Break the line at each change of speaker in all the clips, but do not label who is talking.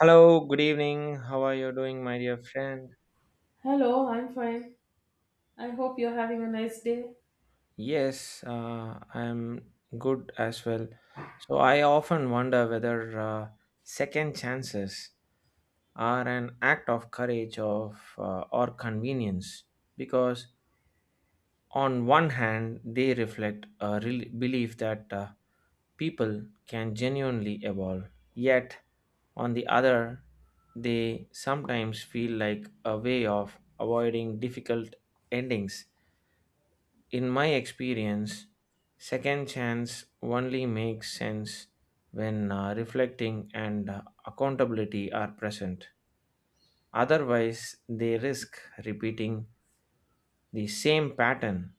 Hello, good evening. How are you doing, my dear friend?
Hello, I'm fine. I hope you're having a nice day.
Yes, I'm good as well. So, I often wonder whether second chances are an act of courage of, or convenience because, on one hand, they reflect a rel belief that people can genuinely evolve, yet, on the other, they sometimes feel like a way of avoiding difficult endings. In my experience, second chance only makes sense when reflecting and accountability are present. Otherwise, they risk repeating the same pattern,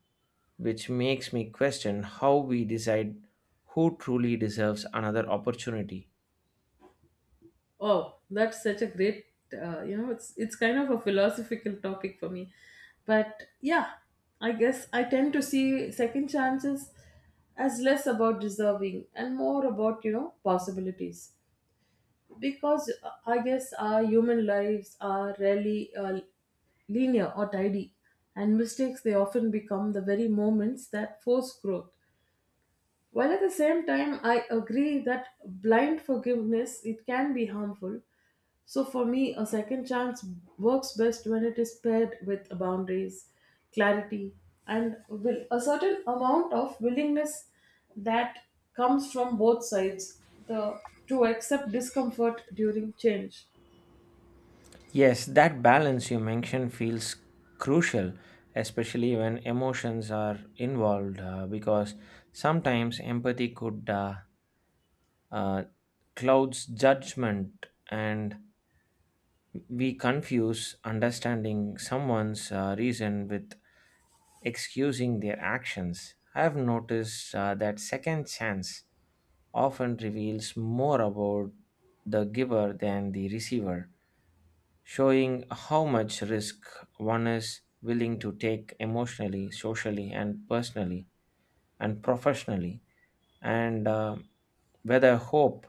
which makes me question how we decide who truly deserves another opportunity.
Oh, that's such a great, it's kind of a philosophical topic for me. But yeah, I guess I tend to see second chances as less about deserving and more about, possibilities. Because I guess our human lives are rarely linear or tidy, and mistakes they often become the very moments that force growth. While at the same time, I agree that blind forgiveness it can be harmful. So for me, a second chance works best when it is paired with boundaries, clarity, and will a certain amount of willingness that comes from both sides the to accept discomfort during change.
Yes, that balance you mentioned feels crucial, especially when emotions are involved, because sometimes empathy could uh, clouds judgment, and we confuse understanding someone's reason with excusing their actions. I have noticed that second chance often reveals more about the giver than the receiver, showing how much risk one is willing to take emotionally, socially, and personally, and professionally. And whether hope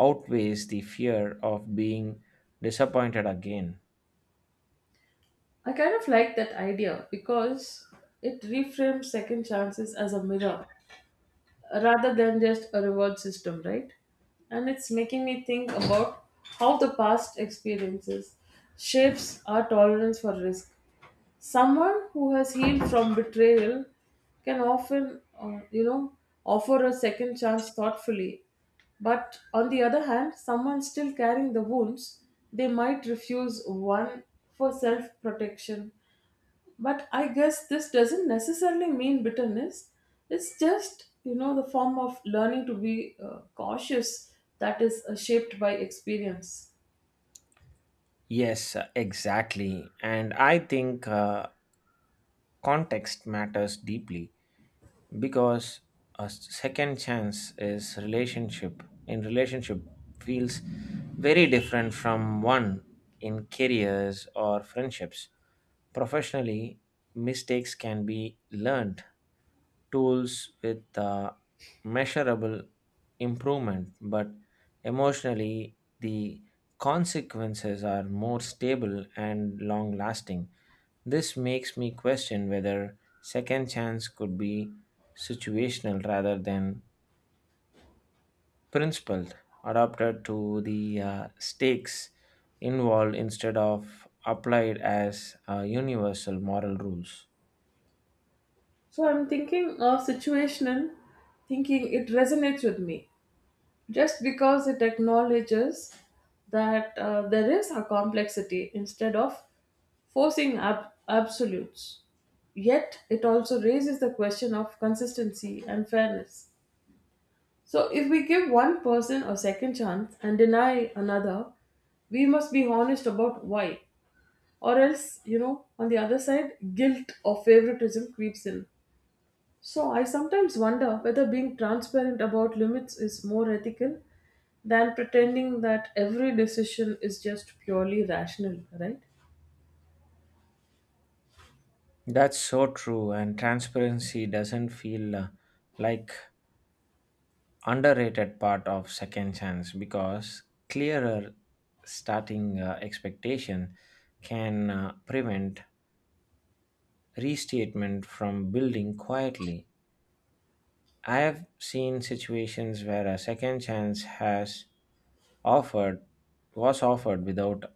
outweighs the fear of being disappointed again.
I kind of like that idea because it reframes second chances as a mirror rather than just a reward system, right? And it's making me think about how the past experiences shapes our tolerance for risk. Someone who has healed from betrayal can often, offer a second chance thoughtfully. But on the other hand, someone still carrying the wounds, they might refuse one for self protection, but I guess this doesn't necessarily mean bitterness. It's just, the form of learning to be cautious that is shaped by experience.
Yes, exactly. And I think context matters deeply. Because a second chance is relationship in relationship feels very different from one in careers or friendships. Professionally, mistakes can be learned tools with measurable improvement, but emotionally the consequences are more stable and long lasting. This makes me question whether second chance could be situational rather than principled, adapted to the stakes involved instead of applied as universal moral rules.
So I'm thinking of situational thinking, it resonates with me just because it acknowledges that there is a complexity instead of forcing absolutes. Yet it also raises the question of consistency and fairness. So, if we give one person a second chance and deny another, we must be honest about why. Or else, on the other side, guilt or favoritism creeps in. So, I sometimes wonder whether being transparent about limits is more ethical than pretending that every decision is just purely rational, right?
That's so true, and transparency doesn't feel like underrated part of second chance because clearer starting expectation can prevent restatement from building quietly. I have seen situations where a second chance has offered was offered without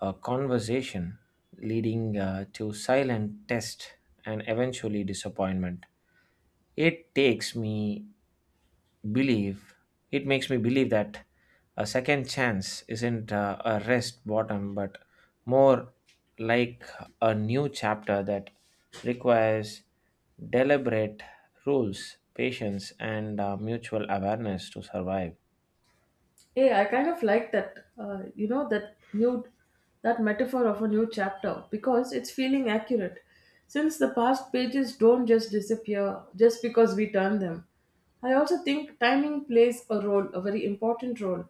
a conversation, leading to silent test and eventually disappointment. It takes me believe it makes me believe that a second chance isn't a rest bottom but more like a new chapter that requires deliberate rules, patience, and mutual awareness to survive.
Yeah, I kind of like that. You know that new that metaphor of a new chapter because it's feeling accurate. Since the past pages don't just disappear just because we turn them. I also think timing plays a role, a very important role.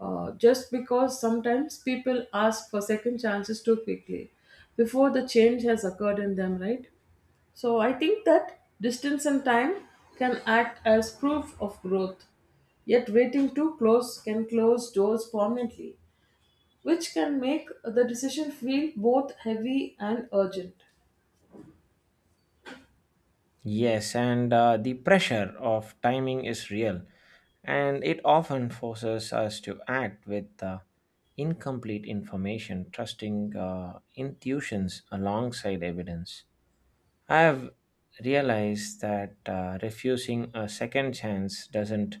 Just because sometimes people ask for second chances too quickly before the change has occurred in them, right? So I think that distance and time can act as proof of growth. Yet waiting too close can close doors permanently, which can make the decision feel both heavy and urgent.
Yes, and the pressure of timing is real, and it often forces us to act with incomplete information, trusting intuitions alongside evidence. I have realized that refusing a second chance doesn't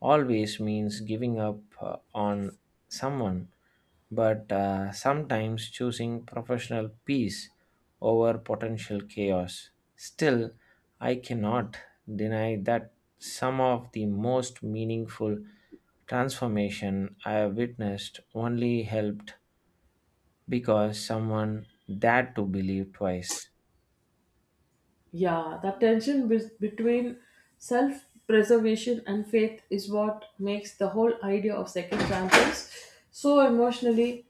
always means giving up on someone, but sometimes choosing professional peace over potential chaos. Still, I cannot deny that some of the most meaningful transformation I have witnessed only helped because someone dared to believe twice.
Yeah, that tension between self preservation and faith is what makes the whole idea of second chances so emotionally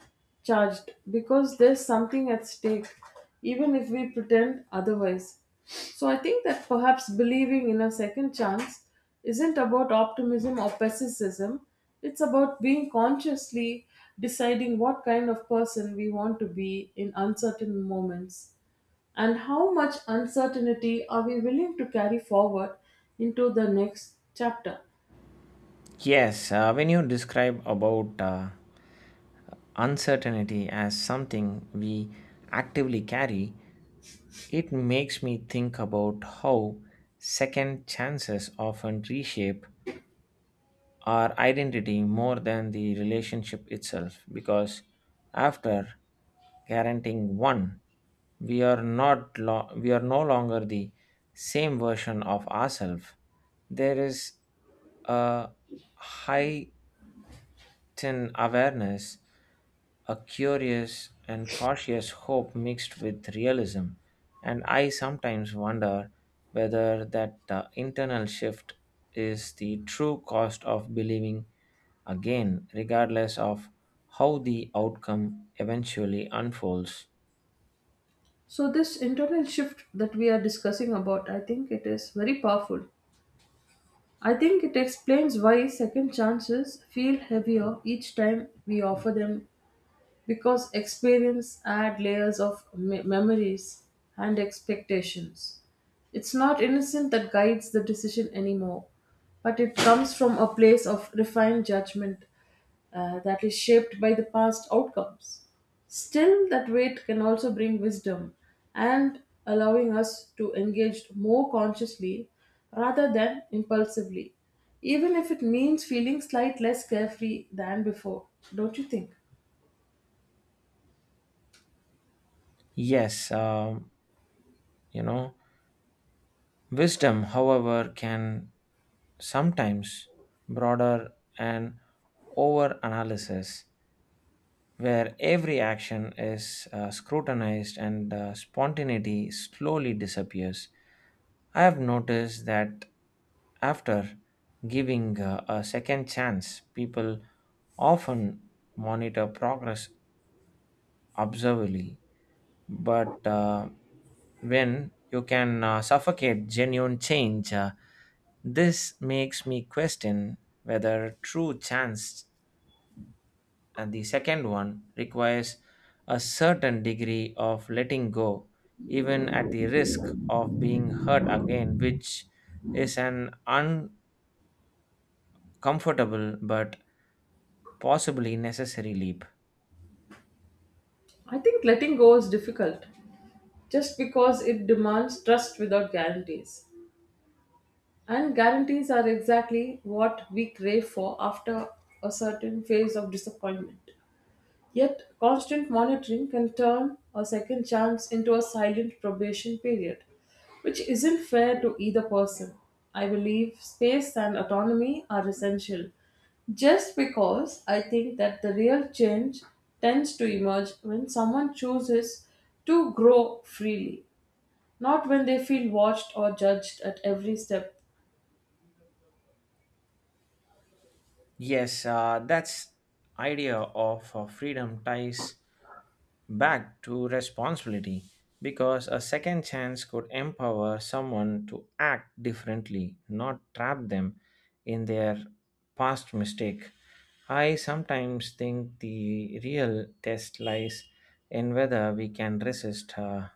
charged because there's something at stake, even if we pretend otherwise. So I think that perhaps believing in a second chance isn't about optimism or pessimism, it's about being consciously deciding what kind of person we want to be in uncertain moments and how much uncertainty are we willing to carry forward into the next chapter.
Yes, when you describe about uncertainty as something we actively carry, it makes me think about how second chances often reshape our identity more than the relationship itself, because after guaranteeing one, we are no longer the same version of ourselves. There is a high thin awareness, a curious and cautious hope mixed with realism, and I sometimes wonder whether that internal shift is the true cost of believing again, regardless of how the outcome eventually unfolds.
So this internal shift that we are discussing about, I think it is very powerful. I think it explains why second chances feel heavier each time we offer them, because experience add layers of memories and expectations. It's not innocent that guides the decision anymore, but it comes from a place of refined judgment that is shaped by the past outcomes. Still, that weight can also bring wisdom and allowing us to engage more consciously rather than impulsively, even if it means feeling slight less carefree than before. Don't you think?
Yes, you know, wisdom, however, can sometimes broader and over analysis where every action is scrutinized and spontaneity slowly disappears. I have noticed that after giving a second chance, people often monitor progress observably, but when you can suffocate genuine change. This makes me question whether true chance and the second one requires a certain degree of letting go, even at the risk of being hurt again, which is an uncomfortable but possibly necessary leap.
I think letting go is difficult just because it demands trust without guarantees. And guarantees are exactly what we crave for after a certain phase of disappointment. Yet, constant monitoring can turn a second chance into a silent probation period, which isn't fair to either person. I believe space and autonomy are essential, just because I think that the real change tends to emerge when someone chooses to grow freely, not when they feel watched or judged at every step.
Yes, that's idea of freedom ties back to responsibility, because a second chance could empower someone to act differently, not trap them in their past mistake. I sometimes think the real test lies in whether we can resist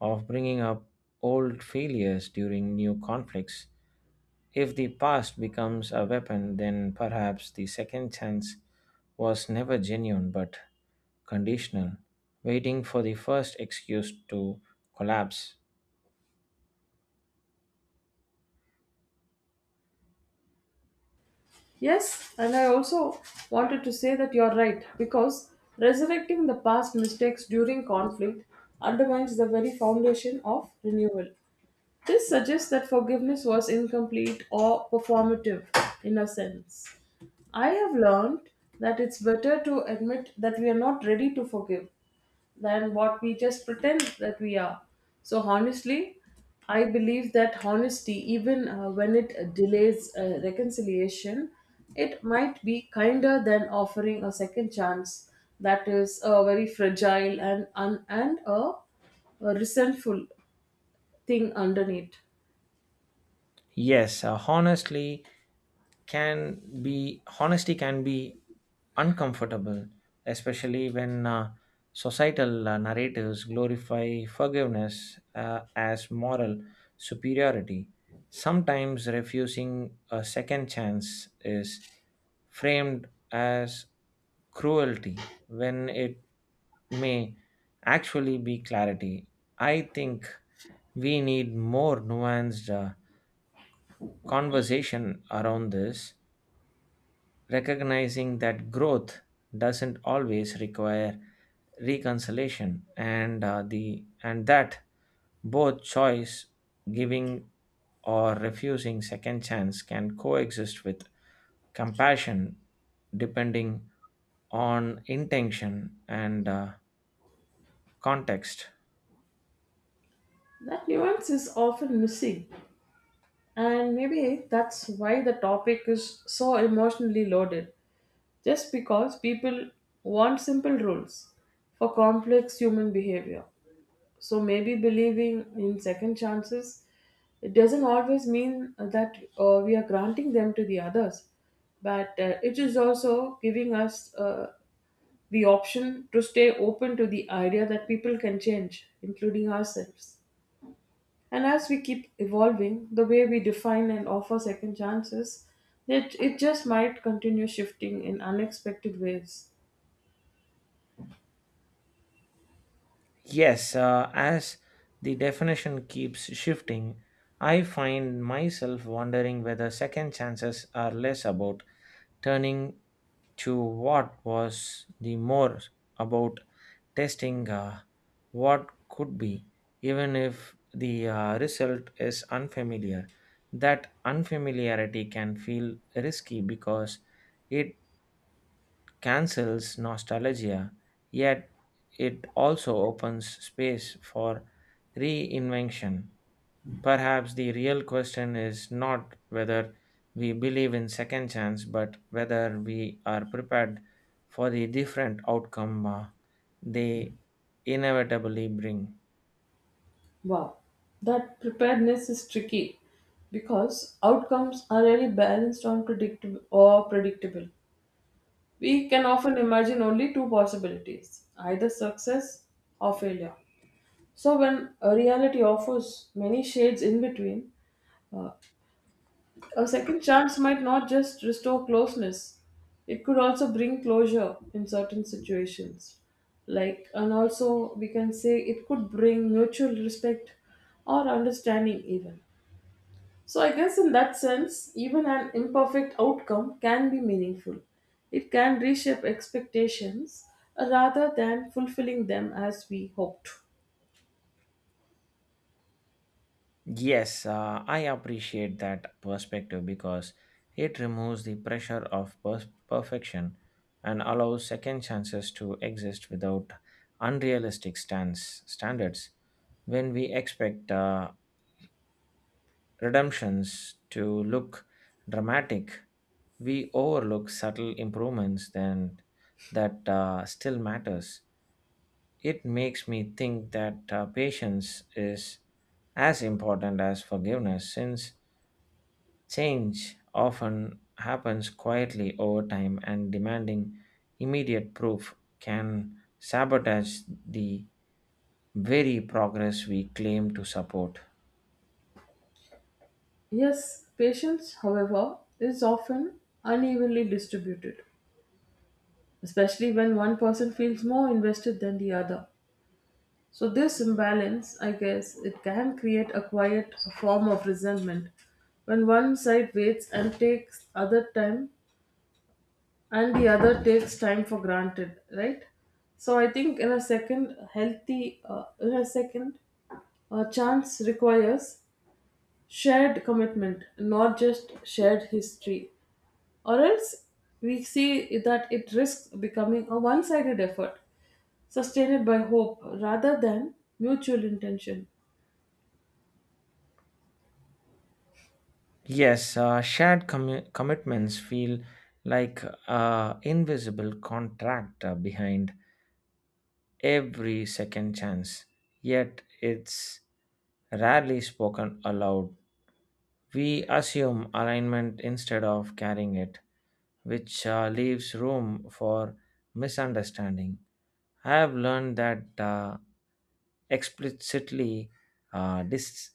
of bringing up old failures during new conflicts. If the past becomes a weapon, then perhaps the second chance was never genuine but conditional, waiting for the first excuse to collapse.
Yes, and I also wanted to say that you're right because resurrecting the past mistakes during conflict undermines the very foundation of renewal. This suggests that forgiveness was incomplete or performative in a sense. I have learned that it's better to admit that we are not ready to forgive than what we just pretend that we are. So, honestly, I believe that honesty, even when it delays reconciliation, it might be kinder than offering a second chance that is a very fragile and a resentful thing underneath.
Yes, honestly, can be honesty can be uncomfortable, especially when societal narratives glorify forgiveness as moral superiority. Sometimes refusing a second chance is framed as cruelty when it may actually be clarity. I think we need more nuanced conversation around this, recognizing that growth doesn't always require reconciliation, and that both choice giving or refusing second chance can coexist with compassion, depending on intention and context.
That nuance is often missing, and maybe that's why the topic is so emotionally loaded. Just because people want simple rules for complex human behavior. So maybe believing in second chances, it doesn't always mean that we are granting them to the others, but it is also giving us the option to stay open to the idea that people can change, including ourselves. And as we keep evolving, the way we define and offer second chances, it just might continue shifting in unexpected ways.
Yes, as the definition keeps shifting, I find myself wondering whether second chances are less about turning to what was the more about testing what could be, even if the result is unfamiliar. That unfamiliarity can feel risky because it cancels nostalgia, yet it also opens space for reinvention. Perhaps the real question is not whether we believe in second chance, but whether we are prepared for the different outcome they inevitably bring.
Wow, that preparedness is tricky because outcomes are really balanced on predictable or predictable. We can often imagine only two possibilities, either success or failure. So when a reality offers many shades in between, uh, a second chance might not just restore closeness, it could also bring closure in certain situations. Like, and also we can say it could bring mutual respect or understanding, even. So, I guess in that sense, even an imperfect outcome can be meaningful. It can reshape expectations rather than fulfilling them as we hoped.
Yes, I appreciate that perspective because it removes the pressure of perfection and allows second chances to exist without unrealistic stance standards. When we expect redemptions to look dramatic, we overlook subtle improvements then that still matters. It makes me think that patience is as important as forgiveness, since change often happens quietly over time and demanding immediate proof can sabotage the very progress we claim to support.
Yes, patience, however, is often unevenly distributed, especially when one person feels more invested than the other. So, this imbalance, I guess, it can create a quiet form of resentment when one side waits and takes other time and the other takes time for granted, right? So, I think in a second, a chance requires shared commitment, not just shared history, or else we see that it risks becoming a one sided effort sustained by hope rather than mutual intention.
Yes, shared commitments feel like invisible contract behind every second chance, yet it's rarely spoken aloud. We assume alignment instead of carrying it, which leaves room for misunderstanding. I have learned that explicitly uh, dis-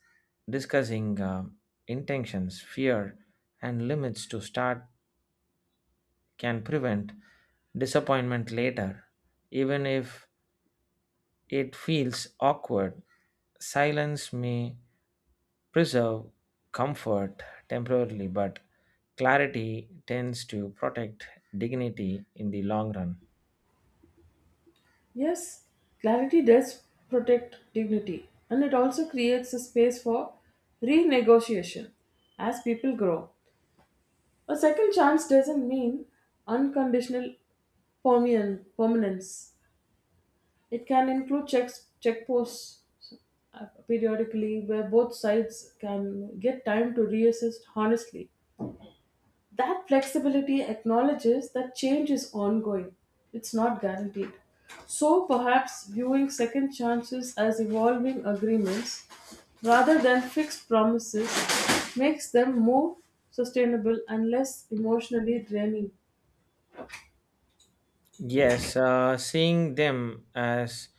discussing intentions, fear, and limits to start can prevent disappointment later. Even if it feels awkward, silence may preserve comfort temporarily, but clarity tends to protect dignity in the long run.
Yes, clarity does protect dignity and it also creates a space for renegotiation as people grow. A second chance doesn't mean unconditional permanence. It can include checks, checkposts periodically where both sides can get time to reassess honestly. That flexibility acknowledges that change is ongoing, it's not guaranteed. So perhaps viewing second chances as evolving agreements rather than fixed promises makes them more sustainable and less emotionally draining.
Yes, seeing them as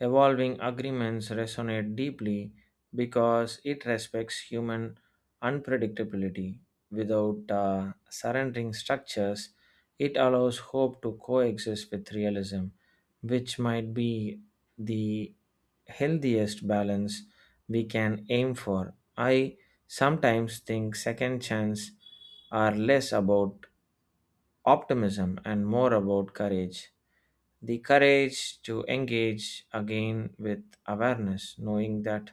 evolving agreements resonate deeply because it respects human unpredictability. Without surrendering structures, it allows hope to coexist with realism, which might be the healthiest balance we can aim for. I sometimes think second chance are less about optimism and more about courage, the courage to engage again with awareness, knowing that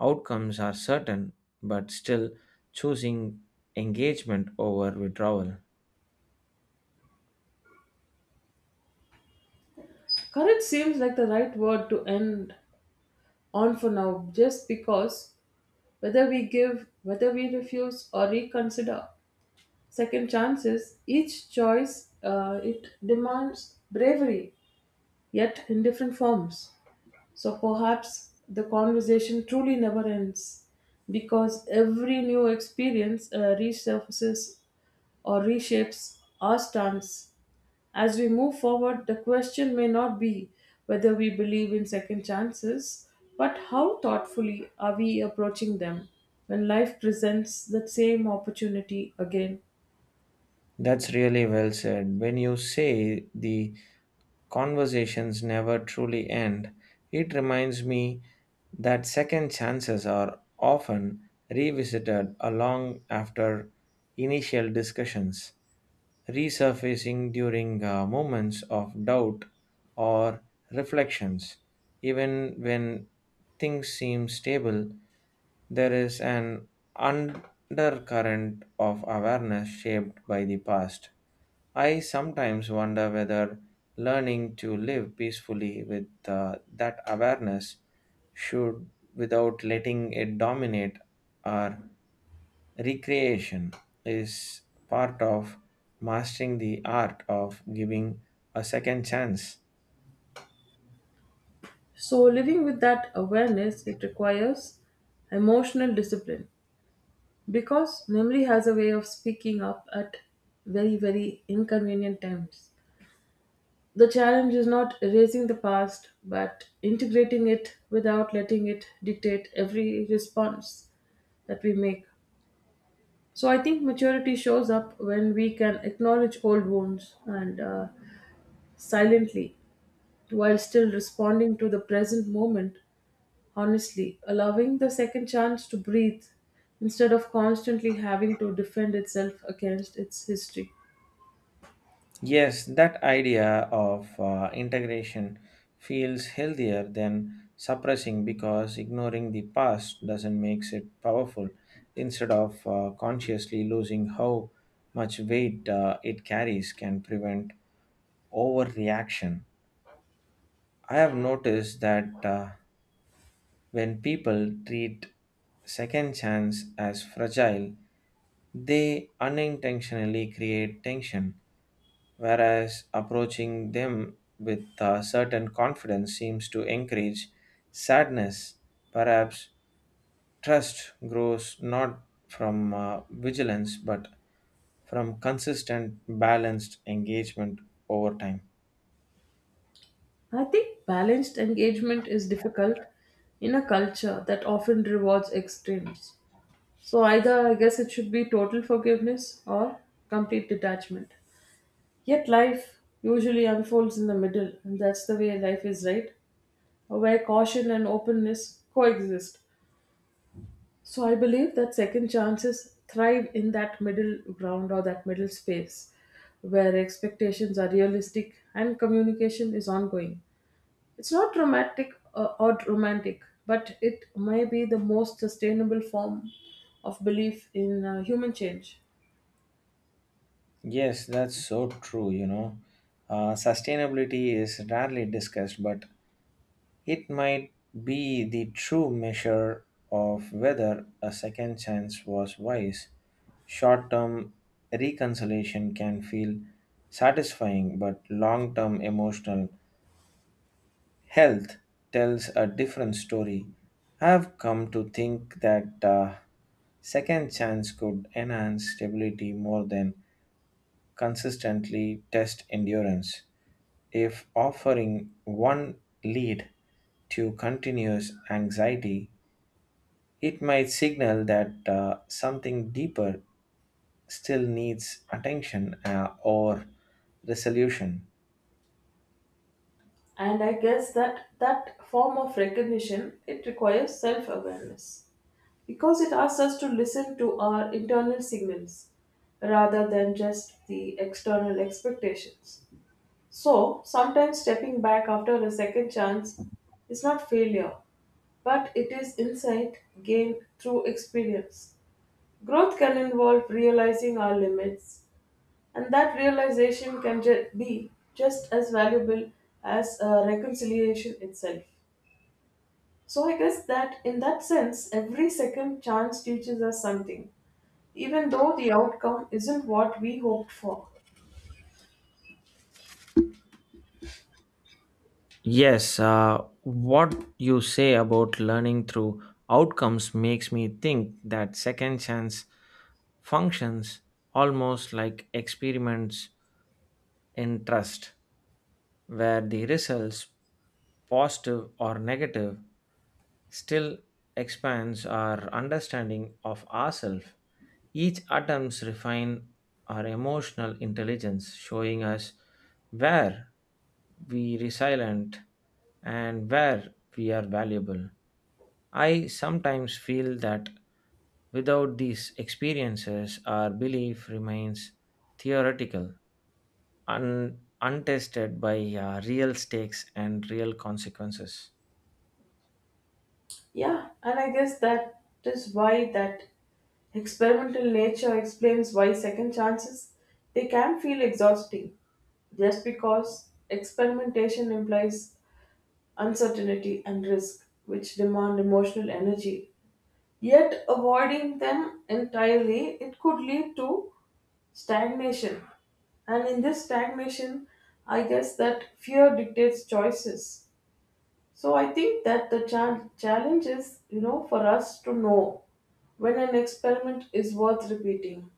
outcomes are certain, but still choosing engagement over withdrawal.
Courage seems like the right word to end on for now, just because whether we give, whether we refuse, or reconsider second chances, each choice it demands bravery yet in different forms. So perhaps the conversation truly never ends because every new experience resurfaces or reshapes our stance. As we move forward, the question may not be whether we believe in second chances, but how thoughtfully are we approaching them when life presents that same opportunity again?
That's really well said. When you say the conversations never truly end, it reminds me that second chances are often revisited long after initial discussions, resurfacing during moments of doubt or reflections. Even when things seem stable, there is an undercurrent of awareness shaped by the past. I sometimes wonder whether learning to live peacefully with that awareness should, without letting it dominate our recreation, is part of mastering the art of giving a second chance.
So, living with that awareness, it requires emotional discipline because memory has a way of speaking up at very inconvenient times. The challenge is not erasing the past but integrating it without letting it dictate every response that we make. So I think maturity shows up when we can acknowledge old wounds and silently while still responding to the present moment. Honestly, allowing the second chance to breathe instead of constantly having to defend itself against its history.
Yes, that idea of integration feels healthier than suppressing, because ignoring the past doesn't make it powerful. Instead of consciously losing how much weight it carries can prevent overreaction. I have noticed that when people treat second chance as fragile, they unintentionally create tension, whereas approaching them with a certain confidence seems to encourage sadness. Perhaps trust grows not from vigilance but from consistent, balanced engagement over time.
I think balanced engagement is difficult in a culture that often rewards extremes. So, either I guess it should be total forgiveness or complete detachment. Yet, life usually unfolds in the middle, and that's the way life is, right? Where caution and openness coexist. So I believe that second chances thrive in that middle ground or that middle space where expectations are realistic and communication is ongoing. It's not dramatic or romantic, but it may be the most sustainable form of belief in human change.
Yes, that's so true. Sustainability is rarely discussed, but it might be the true measure of whether a second chance was wise. Short term reconciliation can feel satisfying, but long term emotional health tells a different story. I've come to think that second chance could enhance stability more than consistently test endurance. If offering one lead to continuous anxiety, it might signal that something deeper still needs attention or resolution.
And I guess that that form of recognition it requires self-awareness, because it asks us to listen to our internal signals rather than just the external expectations. So, sometimes stepping back after a second chance is not failure, but it is insight gained through experience. Growth can involve realizing our limits, and that realization can be just as valuable as reconciliation itself. So, I guess that in that sense, every second chance teaches us something even though the outcome isn't what we hoped for.
Yes, what you say about learning through outcomes makes me think that second chance functions almost like experiments in trust. Were the results positive or negative, still expands our understanding of ourselves. Each attempts refine our emotional intelligence, showing us where we resilient and where we are valuable. I sometimes feel that without these experiences, our belief remains theoretical, untested by real stakes and real consequences.
Yeah, and I guess that is why that experimental nature explains why second chances they can feel exhausting just because experimentation implies uncertainty and risk which demand emotional energy. Yet avoiding them entirely it could lead to stagnation, and in this stagnation I guess that fear dictates choices. So I think that the challenge is, for us to know when an experiment is worth repeating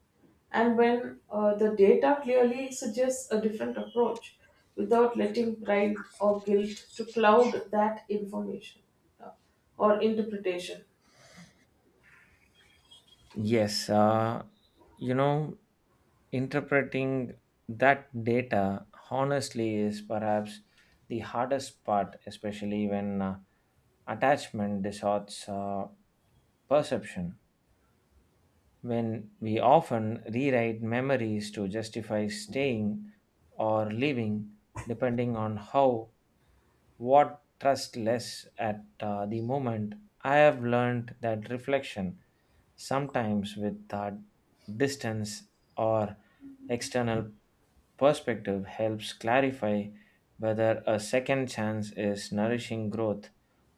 and when the data clearly suggests a different approach without letting pride or guilt to cloud that information uh, or interpretation.
Yes, you know, interpreting that data honestly is perhaps the hardest part, especially when attachment distorts perception. When we often rewrite memories to justify staying or leaving, depending on how what trust less at the moment. I have learned that reflection, sometimes with distance or external perspective, helps clarify whether a second chance is nourishing growth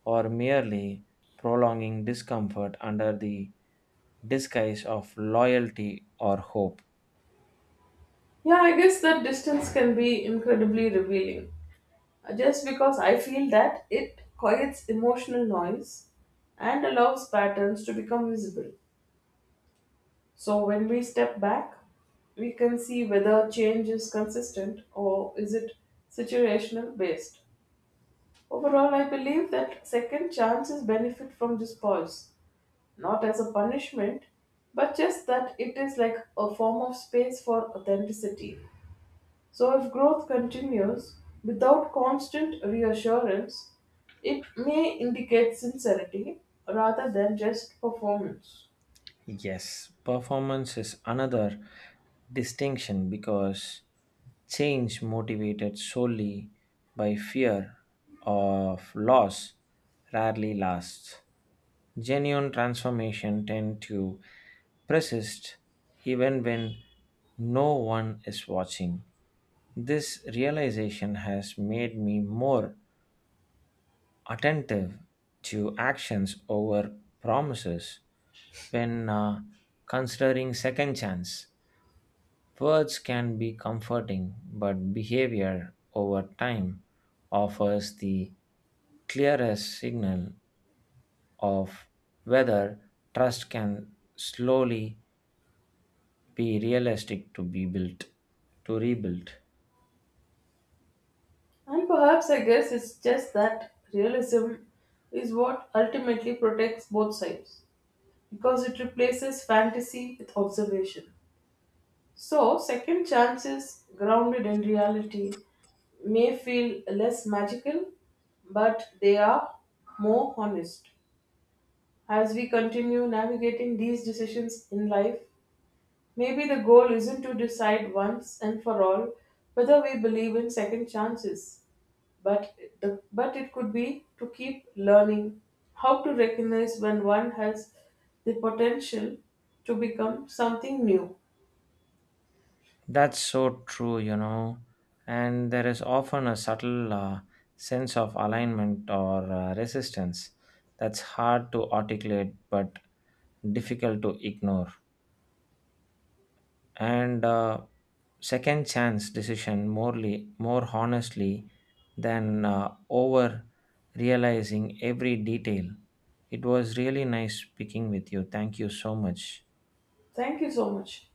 or merely prolonging discomfort under the disguise of loyalty or hope.
Yeah, I guess that distance can be incredibly revealing. Just because I feel that it quiets emotional noise and allows patterns to become visible. So when we step back, we can see whether change is consistent or is it situational based. Overall, I believe that second chances benefit from this pause, not as a punishment, but just that it is like a form of space for authenticity. So if growth continues without constant reassurance, it may indicate sincerity rather than just performance.
Yes, performance is another distinction because change motivated solely by fear of loss rarely lasts. Genuine transformation tend to persist even when no one is watching. This realization has made me more attentive to actions over promises. When considering second chance, words can be comforting, but behavior over time offers the clearest signal of whether trust can slowly be realistic to be built to rebuild.
And perhaps I guess it's just that realism is what ultimately protects both sides because it replaces fantasy with observation. So, second chances grounded in reality may feel less magical, but they are more honest. As we continue navigating these decisions in life, maybe the goal isn't to decide once and for all whether we believe in second chances, but the but it could be to keep learning how to recognize when one has the potential to become something new.
That's so true. And there is often a subtle sense of alignment or resistance that's hard to articulate but difficult to ignore. And second chance decision more honestly than over realizing every detail. It was really nice speaking with you. Thank you so much.
Thank you so much.